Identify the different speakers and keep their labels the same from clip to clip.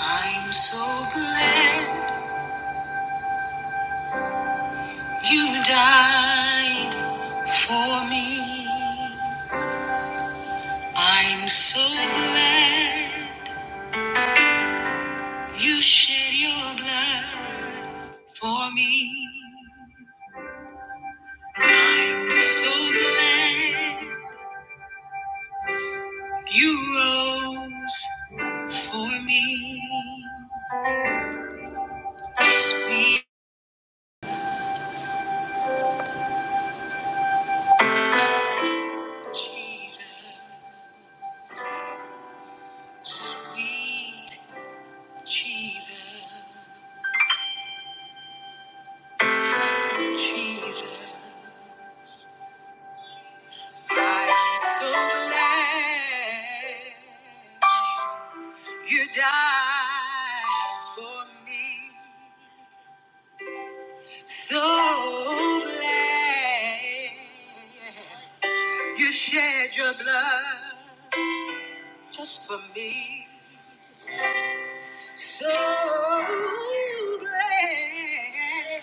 Speaker 1: I'm so glad you died for me. I'm so glad you shed your blood for me. I'm so glad you rose for me. Sweet Jesus, sweet Jesus, Jesus. I'm so glad you died for me. So glad you shed your blood just for me. So glad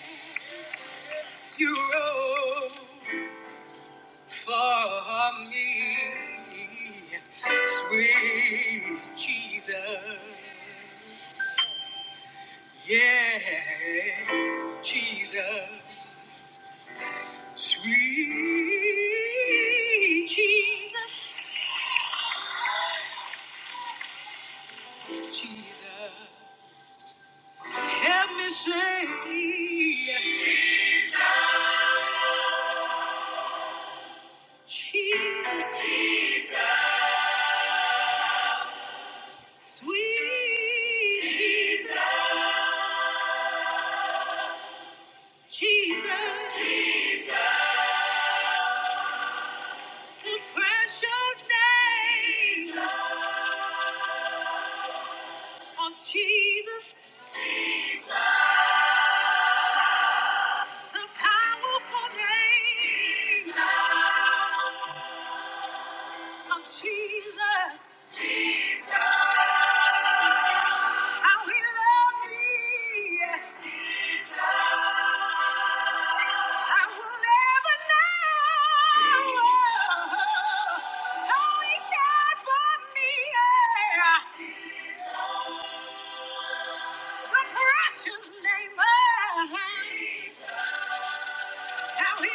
Speaker 1: you rose for me, sweet Jesus. Yeah, Jesus, sweet Jesus, Jesus, help me say, Jesus, Jesus, sweet Jesus, Jesus, the precious name of Jesus. The powerful name of Jesus. How he loved me. I will never know how he cared for me. yeah. The precious name of How he loved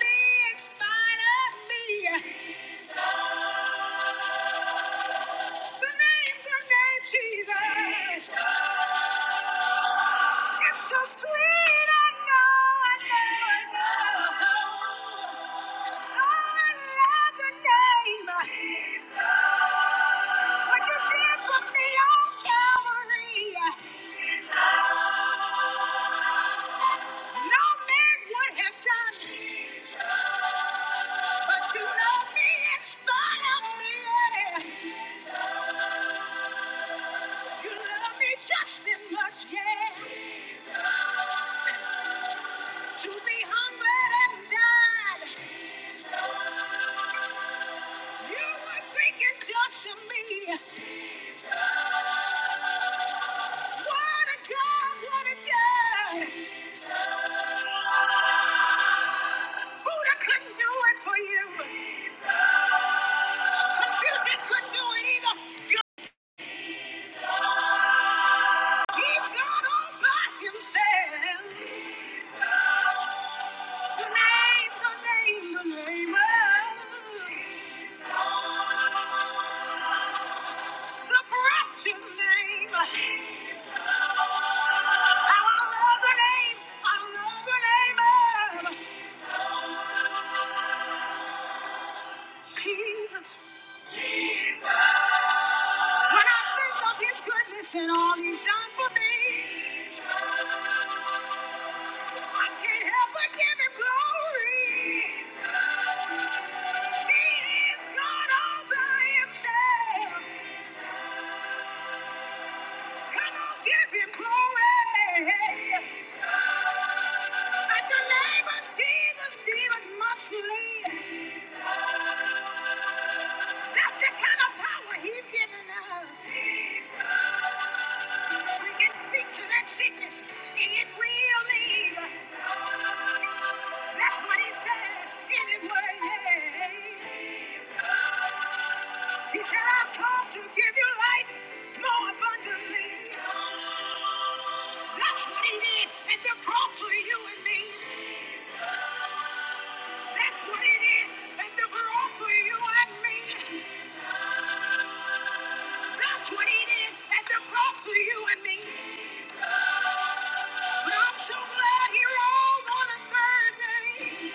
Speaker 1: me in spite of me. The name, the name Jesus. It's so sweet, I know, I know, I know. Oh, I love the name. What you did for me on Calvary. No man would have done, it. but you love me in spite of me. You love me just as much, yeah, to be humble and die. You were thinking just of me. What a God, what a God. Buddha couldn't do it for you. Confucius couldn't do it either. He's not all by himself. The name, the name, the name of The precious name. How I love the name. I love the name of Jesus. When I think of his goodness and all he's done for me, I can't help but give him glory. He is God all by himself. Come on, give him glory. At the name of Jesus, demons must flee. That's the kind of power he's given us. We can speak to that sickness, and it will leave. That's what he said in his word. He said, I've come to give you life more abundantly. That's what he did at the cross for you and me. That's what it is at the cross for you and me. That's what it is at the cross for you and me. But I'm so glad he rose on a Thursday.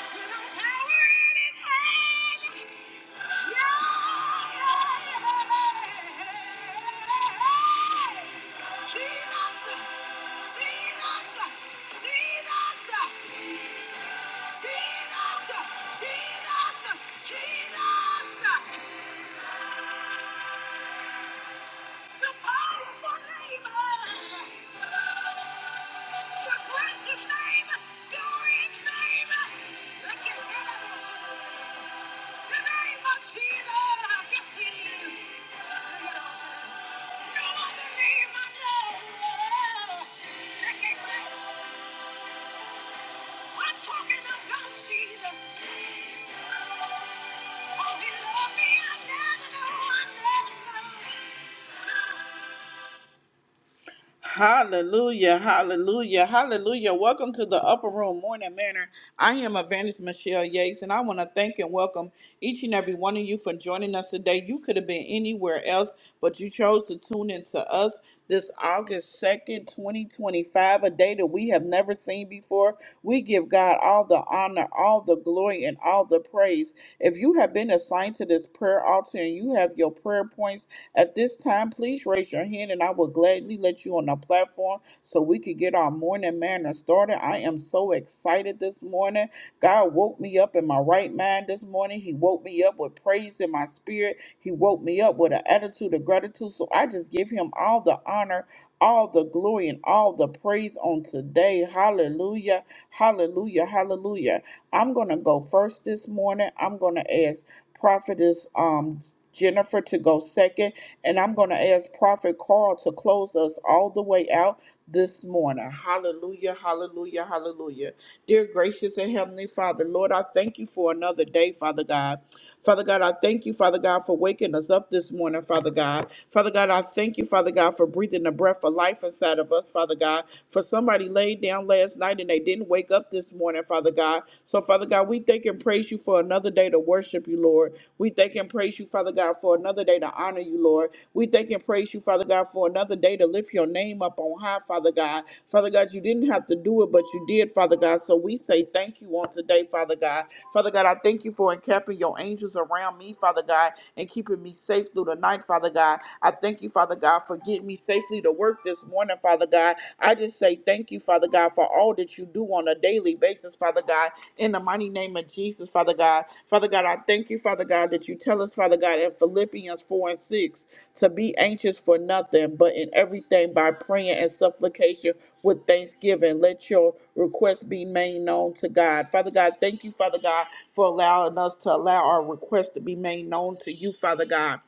Speaker 1: With no power in his hands. Yeah. Jesus. Jesus. Jesus. Jesus. Jesus! I'm talking about Jesus. Oh, he loved me. I never knew. I never knew. Hallelujah, hallelujah, hallelujah. Welcome to the Upper Room Morning Manor. I am Evangelist Michelle Yates, and I want to thank and welcome each and every one of you for joining us today. You could have been anywhere else, but you chose to tune in to us this August 2nd, 2025, a day that we have never seen before. We give God all the honor, all the glory, and all the praise. If you have been assigned to this prayer altar and you have your prayer points, at this time, please raise your hand and I will gladly let you on the platform so we can get our morning manner started. I am so excited this morning. God woke me up in my right mind this morning. He woke me up with praise in my spirit. He woke me up with an attitude of gratitude. So I just give him all the honor, all the glory, and all the praise on today. Hallelujah. Hallelujah. Hallelujah. I'm going to go first this morning. I'm going to ask Prophetess um, Jennifer to go second and I'm going to ask Prophet Carl to close us all the way out this morning. Hallelujah, hallelujah, hallelujah. Dear gracious and heavenly Father, Lord, I thank you for another day, Father God. Father God, I thank you, Father God, for waking us up this morning, Father God. Father God, I thank you, Father God, for breathing the breath of life inside of us, Father God. For somebody laid down last night and they didn't wake up this morning, Father God. So, Father God, we thank and praise you for another day to worship you, Lord. We thank and praise you, Father God, for another day to honor honor you, Lord. We thank and praise you, Father God, for another day to lift your name up on high, Father God. Father God, you didn't have to do it, but you did, Father God. So we say thank you on today, Father God. Father God, I thank you for encamping your angels around me, Father God, and keeping me safe through the night, Father God. I thank you, Father God, for getting me safely to work this morning, Father God. I just say thank you, Father God, for all that you do on a daily basis, Father God, in the mighty name of Jesus, Father God. Father God, I thank you, Father God, that you tell us, Father God, in Philippians 4 and 6, to be anxious for nothing, but in everything by prayer and supplication with thanksgiving. Let your requests be made known to God. Father God, thank you, Father God, for allowing us to allow our requests to be made known to you, Father God.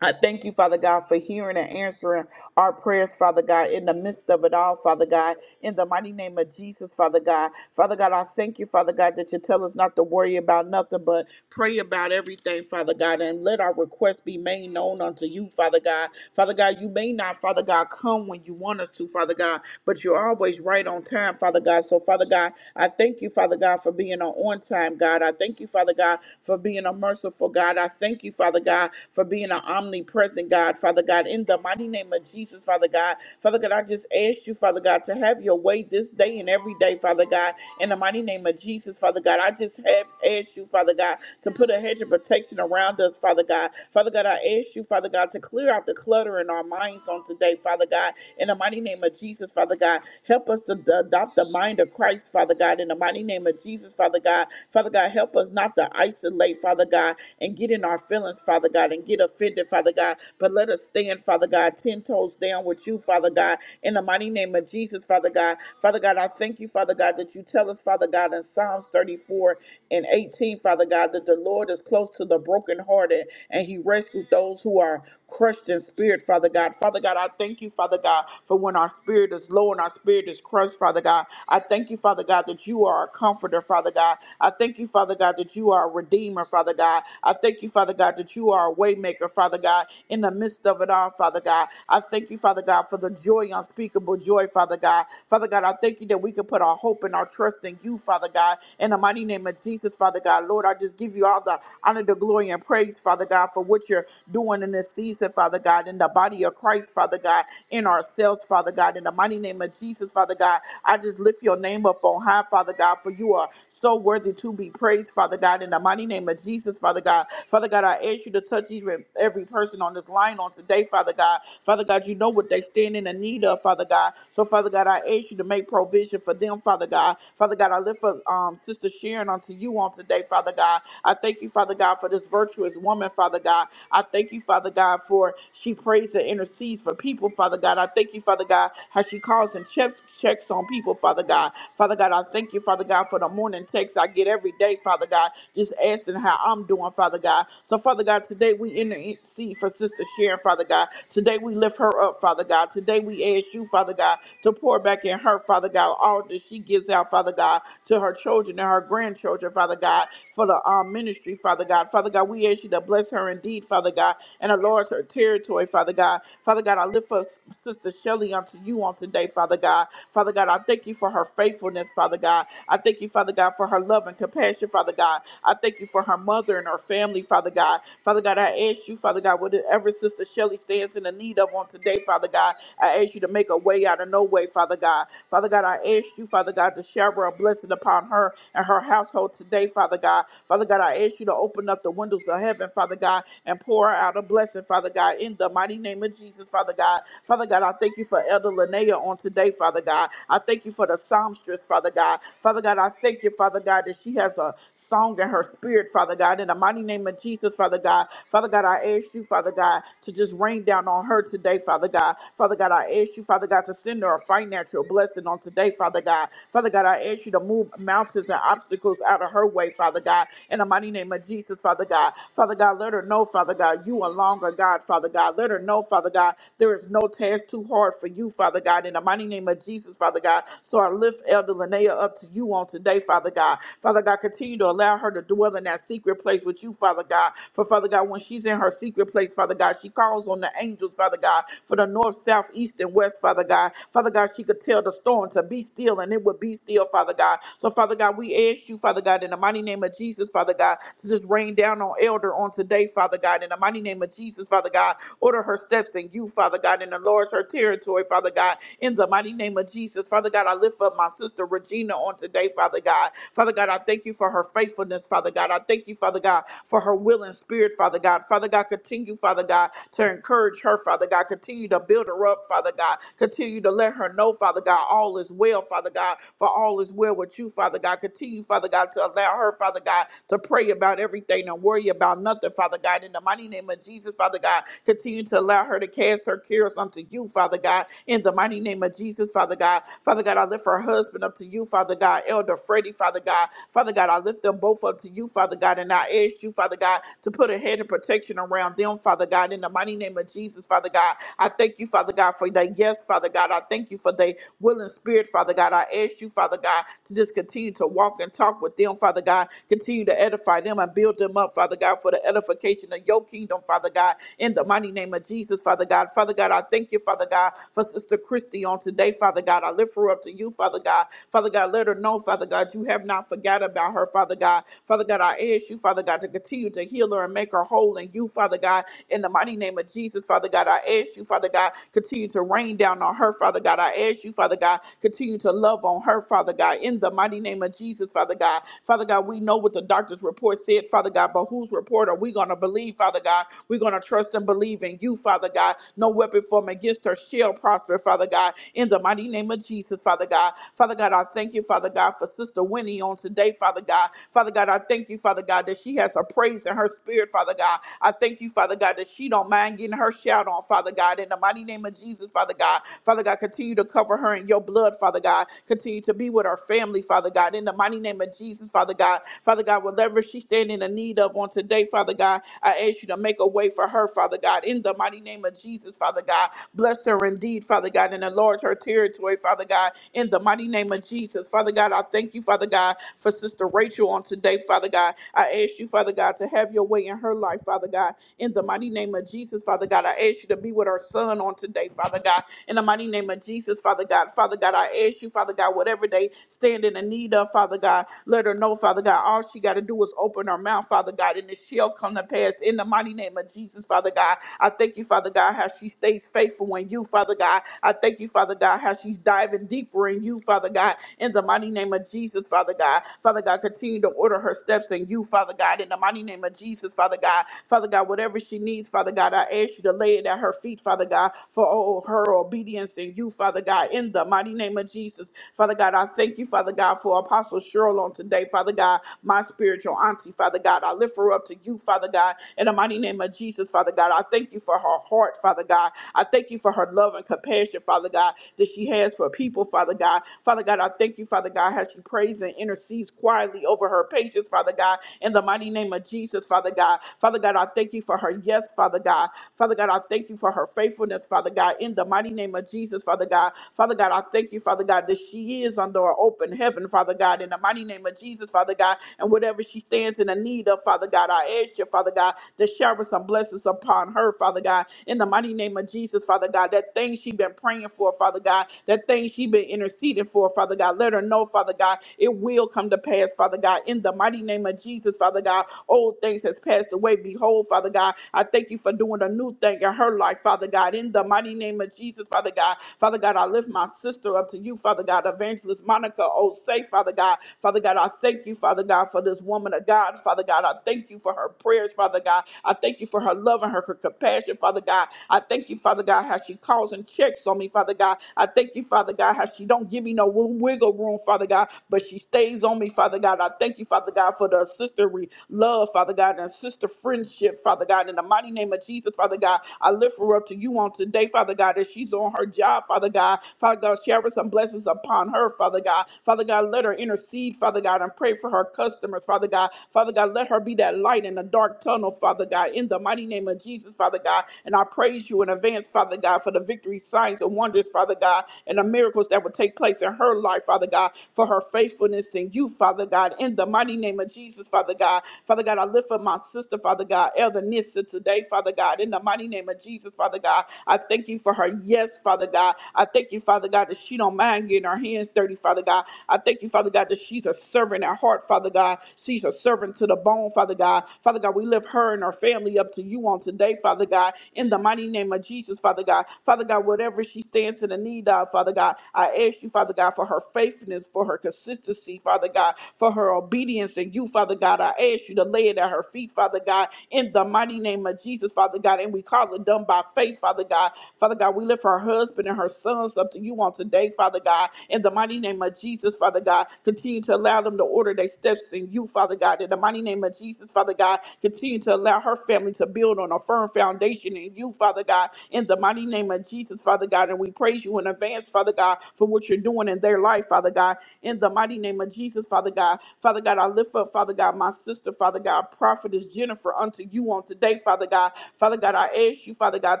Speaker 1: I thank you, Father God, for hearing and answering our prayers, Father God, in the midst of it all, Father God, in the mighty name of Jesus, Father God. Father God, I thank you, Father God, that you tell us not to worry about nothing, but pray about everything, Father God, and let our requests be made known unto you, Father God. Father God, you may not, Father God, come when you want us want us to, Father God. But you're always right on time, Father God. So, Father God, I thank you, Father God, for being an on time God. I thank you, Father God, for being a merciful God. I thank you, Father God, for being an omnipresent God, Father God. In the mighty name of Jesus, Father God, Father God, I just ask you, Father God, to have your way this day and every day, Father God. In the mighty name of Jesus, Father God, I just have asked you, Father God, to put a hedge of protection around us, Father God. Father God, I ask you, Father God, to clear out the clutter in our minds on today, Father God. In the mighty name of Jesus, Father God, help us to d- adopt the mind of Christ, Father God. In the mighty name of Jesus, Father God, Father God, help us not to isolate, Father God, and get in our feelings, Father God, and get offended, Father God. But let us stand, Father God, ten toes down with you, Father God. In the mighty name of Jesus, Father God, Father God, I I thank you, Father God, that you tell us, Father God, in Psalms 34 and 18, Father God, that the Lord is close to the brokenhearted and he rescues those who are crushed in spirit, Father God. Father God, I thank you, Father God, for when our spirit is low and our spirit is crushed, Father God. I thank you, Father God, that you are a comforter, Father God. I thank you, Father God, that you are a redeemer, Father God. I thank you, Father God, that you are a waymaker, Father God, in the midst of it all, Father God. I thank you, Father God, for the joy, unspeakable joy, Father God. God. Father God, I thank you that we can put our hope and our trust in you, Father God. In the mighty name of Jesus, Father God, Lord, I just give you all the honor, the glory, and praise, Father God, for what you're doing in this season, Father God, in the body of Christ, Father God, in ourselves, Father God, in the mighty name of Jesus, Father God. I just lift your name up on high, Father God, for you are so worthy to be praised, Father God, in the mighty name of Jesus, Father God. Father God, I ask you to touch each and every person on this line on today, Father God. Father God, you know what they stand in the need of need of, Father God. So, Father God, I ask you to make provision for them, Father God. Father God, I lift up um, Sister Sharon unto you on today, Father God. I thank you, Father God, for this virtuous woman, Father God. I thank you, Father God, for she prays and intercedes for people, Father God. I thank you, Father God, how she calls and checks checks on people, Father God. Father God, I thank you, Father God, for the morning text I get every day, Father God, just asking how I'm doing, Father God. So, Father God, today we intercede for Sister Sharon, Father God. Today we lift her up up, Father God. Today we ask you, Father God, to pour back in her, Father God, all that she gives out, Father God, to her children and her grandchildren, Father God, for the um, ministry, Father God. Father God, we ask you to bless her indeed, Father God, and enlarge her territory, Father God. Father God, I lift up Sister Shelley unto you on today, Father God. Father God, I thank you for her faithfulness, Father God. I thank you, Father God, for her love and compassion, Father God. I thank you for her mother and her family, Father God. Father God, I ask you, Father God, whatever Sister Shelley stands stands in the need of on today, Father God. I ask you to make a way out of no way, Father God. Father God, I ask you, Father God, to shower a blessing upon her and her household today, Father God. Father God, I ask you to open up the windows of heaven, Father God, and pour out a blessing, Father God, in the mighty name of Jesus, Father God. Father God, I thank you for Elder Linnea on today, Father God. I thank you for the songstress, Father God. Father God, I thank you, Father God, that she has a song in her spirit, Father God. In the mighty name of Jesus, Father God. Father God, I ask you, you, Father God, to just rain down on her today, Father God. Father God, I ask you, Father God, to send her a financial blessing on today, Father God. Father God, I ask you to move mountains and obstacles out of her way, Father God. In the mighty name of Jesus, Father God. Father God, let her know, Father God, you are longer, God, Father God. Let her know, Father God, there is no task too hard for you, Father God. In the mighty name of Jesus, Father God. So I lift Elder Linnea up to you on today, Father God. Father God, continue to allow her to dwell in that secret place with you, Father God. For Father. Father God, when she's in her secret place, Father God, she calls on the angels, Father God, for the north, south, east, and west, Father God. Father God, she could tell the storm to be still, and it would be still, Father God. So, Father God, we ask you, Father God, in the mighty name of Jesus, Father God, to just rain down on Elder on today, Father God, in the mighty name of Jesus, Father God. Order her steps in you, Father God, and enlarge her territory, Father God, in the mighty name of Jesus. Father God, I lift up my sister Regina on today, Father God. Father God, I thank you for her faithfulness, Father God. I thank you, Father God, for her will and spirit, Father God. Father God, continue, Father God, to encourage her, Father God. Continue to build her up, Father God. Continue to let her know, Father God, all is well, Father God, for all is well with you, Father God. Continue, Father God, to allow her, Father God, to pray about everything and worry about nothing, Father God. In the mighty name of Jesus, Father God, continue to allow allow her to cast her cares unto you, Father God, in the mighty name of Jesus, Father God. Father God, I lift her husband up to you, Father God, Elder Freddie, Father God. Father God, I lift them both up to you, Father God, and I ask you, Father God, to put a head of protection around them, Father God, in the mighty name of Jesus, Father God. I thank you, Father God, for their yes, Father God. I thank you for they willing spirit, Father God. I ask you, Father God, to just continue to walk and talk with them, Father God. Continue to edify them and build them up, Father God, for the edification of your kingdom, Father God. In the mighty name of Jesus, Father God. Father God, I thank you, Father God, for Sister Christy on today, Father God. I lift her up to you, Father God. Father God, let her know, Father God, you have not forgotten about her, Father God. Father God, I ask you, Father God, to continue to heal her healer and maker whole in you, Father God. In the mighty name of Jesus, Father God, I ask you, Father God, continue to rain down on her, Father God. I ask you, Father God, continue to love on her, Father God. In the mighty name of Jesus, Father God. Father God, we know what the doctor's report said, Father God, but whose report are we going to believe, Father God? We're going to trust and believe in you, Father God. No weapon formed against her shall prosper, Father God. In the mighty name of Jesus. Jesus, Father God. Father God, I thank you, Father God, for Sister Winnie on today, Father God. Father God, I thank you, Father God, that she has a praise in her spirit, Father God. I thank you, Father God, that she don't mind getting her shout on, Father God. In the mighty name of Jesus, Father God. Father God, continue to cover her in your blood, Father God. Continue to be with her family, Father God. In the mighty name of Jesus, Father God. Father God, whatever she's standing in need of on today, Father God, I ask you to make a way for her, Father God. In the mighty name of Jesus, Father God. Bless her indeed, Father God, and enlarge her territory, Father God, in the mighty name of Jesus. Father God, I thank you, Father God, for Sister Rachel on today, Father God. I ask you, Father God, to have your way in her life, Father God, in the mighty name of Jesus, Father God. I ask you to be with her son on today, Father God. In the mighty name of Jesus, Father God, Father God, I ask you, Father God, whatever they stand in the need of, Father God, let her know, Father God, all she got to do is open her mouth, Father God, and it shall come to pass. In the mighty name of Jesus, Father God, I thank you, Father God, how she stays faithful in you, Father God. I thank you, Father God, how she's diving deeper in you, Father God. In the mighty name of Jesus, Father God. Father God, continue to order her steps in you, Father God. In the mighty name of Jesus, Father God. Father God, whatever she needs, Father God, I ask you to lay it at her feet, Father God, for oh, her obedience in you, Father God, in the mighty name of Jesus. Father God, I thank you, Father God, for Apostle Cheryl on today, Father God, my spiritual auntie, Father God. I lift her up to you, Father God, in the mighty name of Jesus, Father God. I thank you for her heart, Father God. I thank you for her love and compassion, Father God, that she has for people, Father God. Father God, I thank you, Father God, how she prays and intercedes quietly over her patience, Father God, in the mighty name of Jesus, Father God. Father God, I thank you for her yes, Father. God. Father God, I thank you for her faithfulness, Father God, in the mighty name of Jesus, Father God. Father God, I thank you, Father God, that she is under an open heaven, Father God, in the mighty name of Jesus, Father God, and whatever she stands in the need of, Father God, I ask you, Father God, to shower some blessings upon her, Father God, in the mighty name of Jesus, Father God, that thing she been praying for, Father God, that thing she been interceding for, Father God, let her know, Father God, it will come to pass, Father God, in the mighty name of Jesus, Father God, old things has passed away, Behold, Father God. I thank you for doing a new thing in her life, Father God. In the mighty name of Jesus, Father God. Father God, I lift my sister up to you, Father God. Evangelist Monica Osei, Father God. Father God, I thank you, Father God, for this woman of God, Father God. I thank you for her prayers, Father God. I thank you for her love and her, her compassion, Father God. I thank you, Father God, how she calls and checks on me, Father God. I thank you, Father God, how she don't give me no wiggle room, Father God, but she stays on me, Father God. I thank you, Father God, for the sister love, Father God, and sister friendship, Father God, in the mighty name of Jesus, Father God. I lift her up to you on today, Father God, as she's on her job, Father God. Father God, shower some blessings upon her, Father God. Father God, let her intercede, Father God, and pray for her customers, Father God. Father God, let her be that light in the dark tunnel, Father God, in the mighty name of Jesus, Father God. And I praise you in advance, Father God, for the victory, signs, and wonders, Father God, and the miracles that will take place in her life, Father God, for her faithfulness in you, Father God, in the the mighty name of Jesus, Father God. Father God, I lift up my sister, Father God, Elder Nissa today, Father God, in the mighty name of Jesus, Father God. I thank you for her yes, Father God. I thank you, Father God, that she don't mind getting her hands dirty, Father God. I thank you, Father God, that she's a servant at heart, Father God. She's a servant to the bone, Father God. Father God, we lift her and her family up to you on today, Father God, in the mighty name of Jesus, Father God. Father God, whatever she stands in the need of, Father God, I ask you, Father God, for her faithfulness, for her consistency sister C, Father God, for her obedience and you, Father God. I ask you to lay it at her feet, Father God, in the mighty name of Jesus, Father God. And we call it done by faith, Father God. Father God, we lift her husband and her sons up to you on today, Father God. In the mighty name of Jesus, Father God, continue to allow them to order their steps in you, Father God. In the mighty name of Jesus, Father God, continue to allow her family to build on a firm foundation in you, Father God. In the mighty name of Jesus, Father God. And we praise you in advance, Father God, for what you're doing in their their life, Father God, in the mighty name of Jesus, Father God. Father God, I lift up, Father God, my sister, Father God, prophetess Jennifer, unto you on today, Father God. Father God, I ask you, Father God,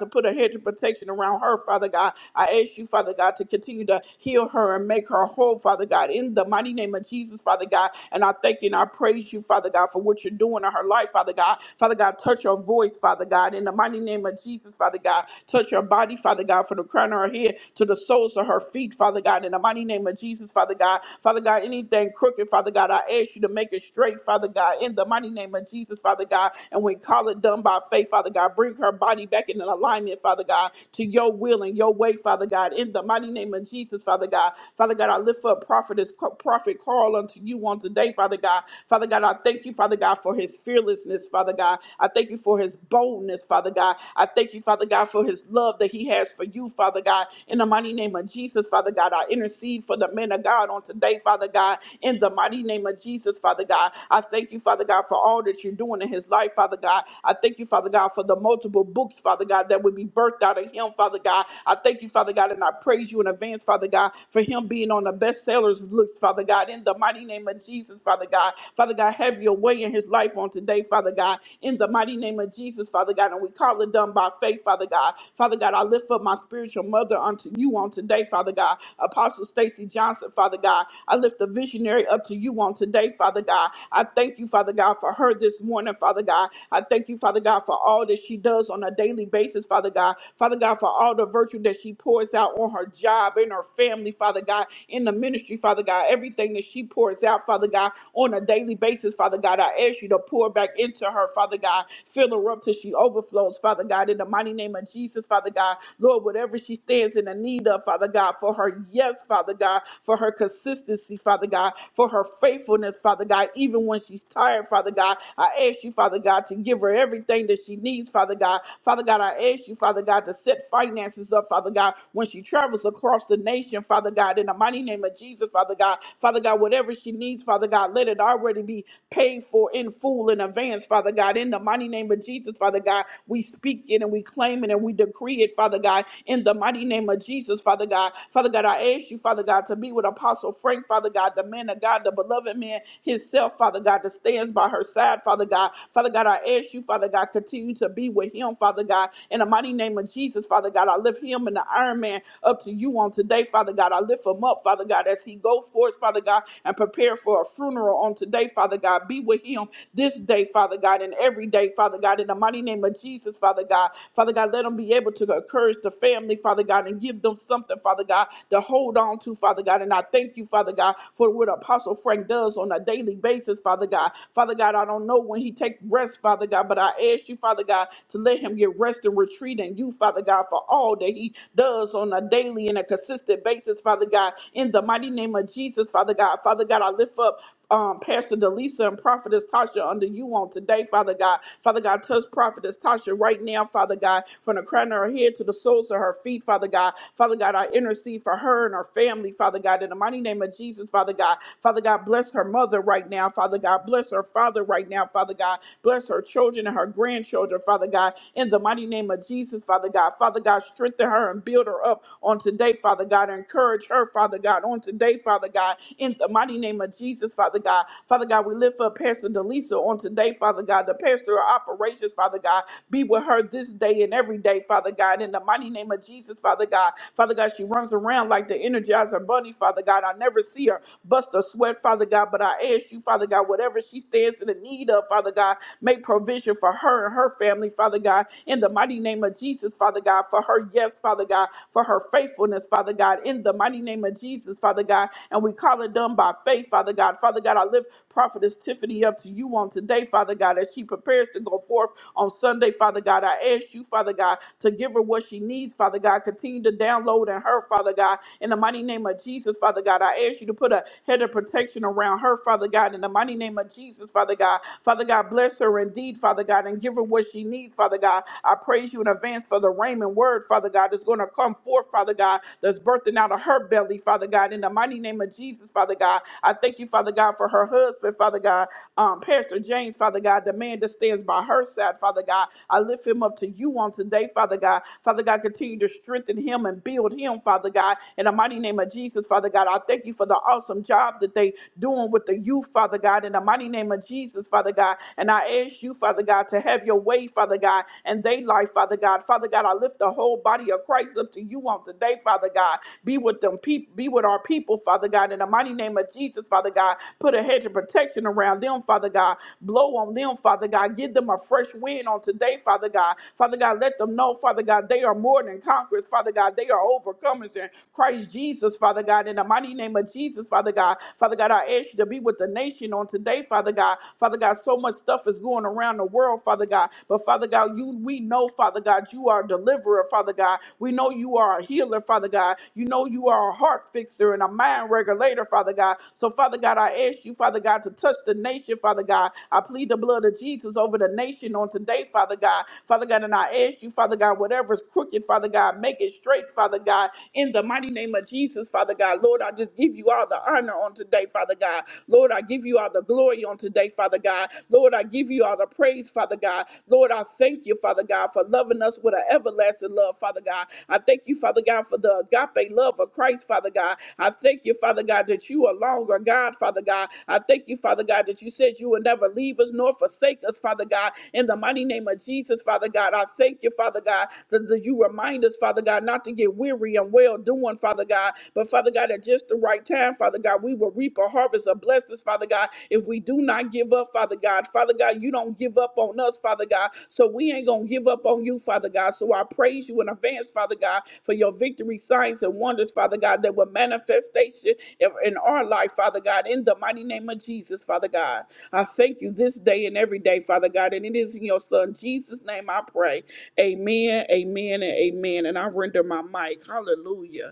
Speaker 1: to put a hedge of protection around her, Father God. I ask you, Father God, to continue to heal her and make her whole, Father God, in the mighty name of Jesus, Father God. And I thank you and I praise you, Father God, for what you're doing in her life, Father God. Father God, touch her voice, Father God, in the mighty name of Jesus, Father God. Touch her body, Father God, from the crown of her head to the soles toes to her feet, Father God, in the mighty name of Jesus, Father God. Father God, anything crooked, Father God, I ask you to make it straight, Father God, in the mighty name of Jesus, Father God. And we call it done by faith, Father God. Bring her body back in alignment, Father God, to your will and your way, Father God, in the mighty name of Jesus, Father God. Father God, I lift up prophetess, prophet Carl unto you on today, Father God. Father God, I thank you, Father God, for his fearlessness, Father God. I thank you for his boldness, Father God. I thank you, Father God, for his love that he has for for you, Father God. In the mighty name of Jesus, Father God, I intercede for the men of God on today, Father God. In the mighty name of Jesus, Father God, I thank you, Father God, for all that you're doing in his life, Father God. I thank you, Father God, for the multiple books, Father God, that would be birthed out of him, Father God. I thank you, Father God, and I praise you in advance, Father God, for him being on the bestsellers list, Father God. In the mighty name of Jesus, Father God, Father God, have your way in his life on today, Father God. In the mighty name of Jesus, Father God, and we call it done by faith, Father. Father God. Father God, I lift up my spiritual mother unto you on today, Father God. Apostle Stacy Johnson, Father God. I lift the visionary up to you on today, Father God. I thank you, Father God, for her this morning, Father God. I thank you, Father God, for all that she does on a daily basis, Father God. Father God, for all the virtue that she pours out on her job, in her family, Father God, in the ministry, Father God. Everything that she pours out, Father God, on a daily basis, Father God. I ask you to pour back into her, Father God. Fill her up till she she overflows, Father God, in the mighty name of Jesus, Father God. Lord, whatever she stands in the need of, Father God, for her yes, Father God, for her consistency, Father God, for her faithfulness, Father God, even when she's tired, Father God, I ask you, Father God, to give her everything that she needs, Father God. Father God, I ask you, Father God, to set finances up, Father God, when she travels across the nation, Father God, in the mighty name of Jesus, Father God. Father God, whatever she needs, Father God, let it already be paid for in full in advance, Father. Father God. In the mighty name of Jesus, Father God, we speak it and we claim it and we decree it, Father God. In the mighty name of Jesus, Father God. Father God, I ask you, Father God, to be with Apostle Frank, Father God, the man of God, the beloved man himself, Father God, that stands by her side, Father God. Father God, I ask you, Father God, continue to be with him, Father God. In the mighty name of Jesus, Father God, I lift him and the Iron Man up to you on today, Father God. I lift him up, Father God, as he goes forth, Father God, and prepare for a funeral on today, Father God. Be with be with him this day, Father God, and every day, Father God, in the mighty name of Jesus, Father God. Father God, let them be able to encourage the family, Father God, and give them something, Father God, to hold on to, Father God. And I thank you, Father God, for what Apostle Frank does on a daily basis, Father God. Father God, I don't know when he takes rest, Father God, but I ask you, Father God, to let him get rest and retreat in you, Father God, for all that he does on a daily and a consistent basis, Father God. In the mighty name of Jesus, Father God, Father God, I lift up um, Pastor Delisa and Prophetess Tasha under you on today, Father God. Father God, touch Prophetess Tasha right now, Father God, from the crown of her head to the soles of her feet, Father God. Father God, I intercede for her and her family, Father God, in the mighty name of Jesus, Father God. Father God, bless her mother right now, Father God. Bless her father right now, Father God. Bless her children and her grandchildren, Father God, in the mighty name of of Jesus, Father God. Father God, strengthen her and build her up on today, Father God. Encourage her, Father God, on today, Father God. In the mighty name of Jesus, Father God. Father God, we lift up Pastor Delisa on today, Father God. The pastor of operations, Father God. Be with her this day and every day, Father God. In the mighty name of Jesus, Father God. Father God, she runs around like the energizer bunny, Father God. I never see her bust a sweat, Father God. But I ask you, Father God, whatever she stands in the need of, Father God, make provision for her and her family, Father God, in the mighty name of Jesus, Father God, for her yes, Father God, for her faithfulness, Father God, in the mighty name of Jesus, Father God. And we call it done by faith, Father God. Father God, I lift Prophetess Tiffany up to you on today, Father God, as she prepares to go forth on Sunday, Father God. I ask you, Father God, to give her what she needs, Father God. Continue to download in her, Father God. In the mighty name of Jesus, Father God, I ask you to put a head of protection around her, Father God. In the mighty name of Jesus, Father God. Father God, bless her indeed, Father God, and give her what she needs, Father God. I praise you in advance for the Raymond word, Father God, that's going to come forth, Father God, that's birthing out of her belly, Father God. In the mighty name of Jesus, Father God, I thank you, Father God, for her husband, Father God. Um, Pastor James, Father God, the man that stands by her side, Father God, I lift him up to you on today, Father God. Father God, continue to strengthen him and build him, Father God. In the mighty name of Jesus, Father God, I thank you for the awesome job that they doing with the youth, Father God. In the mighty name of Jesus, Father God. And I ask you, Father God, to have your way, Father God, and they life, Father God. Father God, I lift the whole body of Christ up to you on today, Father God. Be with them people, be with our people people, Father God. In the mighty name of Jesus, Father God, put a hedge of protection around them, Father God. Blow on them, Father God. Give them a fresh wind on today, Father God. Father God, let them know, Father God, they are more than conquerors, Father God. They are overcomers in Christ Jesus, Father God. In the mighty name of Jesus, Father God. Father God, I ask you to be with the nation on today, Father God. Father God, so much stuff is going around the world, Father God. But Father God, you we know, Father God, you are a deliverer, Father God. Father God. We know you are a healer, Father God. You know you are a heart fixer and a mind regulator, Father God. So, Father God, I ask you, Father God, to touch the nation, Father God. I plead the blood of Jesus over the nation on today, Father God. Father God, and I ask you, Father God, whatever's crooked, Father God, make it straight, Father God, in the mighty name of Jesus, Father God. Lord, I just give you all the honor on today, Father God. Lord, I give you all the glory on today, Father God. Lord, I give you all the praise praise, Father God. Lord, I thank you, Father God, for loving us with an everlasting love, Father God. I thank you, Father God, for the agape love of Christ, Father God. I thank you, Father God, that you are longer, God, Father God. I thank you, Father God, that you said you would never leave us nor forsake us, Father God. In the mighty name of Jesus, Father God, I thank you, Father God, that, that you remind us, Father God, not to get weary and well doing, Father God, but Father God, at just the right time, Father God, we will reap a harvest bless us, Father God. If we do not give up, Father God, Father God, you don't give up on us, Father God. So we ain't going to give up on you, Father God. So I praise you in advance, Father God, for your victory, signs, and wonders, Father God, that were manifestation in in our life, Father God, in the mighty name of Jesus, Father God. I thank you this day and every day, Father God. And it is in your Son, Jesus' name, I pray. Amen, amen, and amen. And I render my mic. Hallelujah.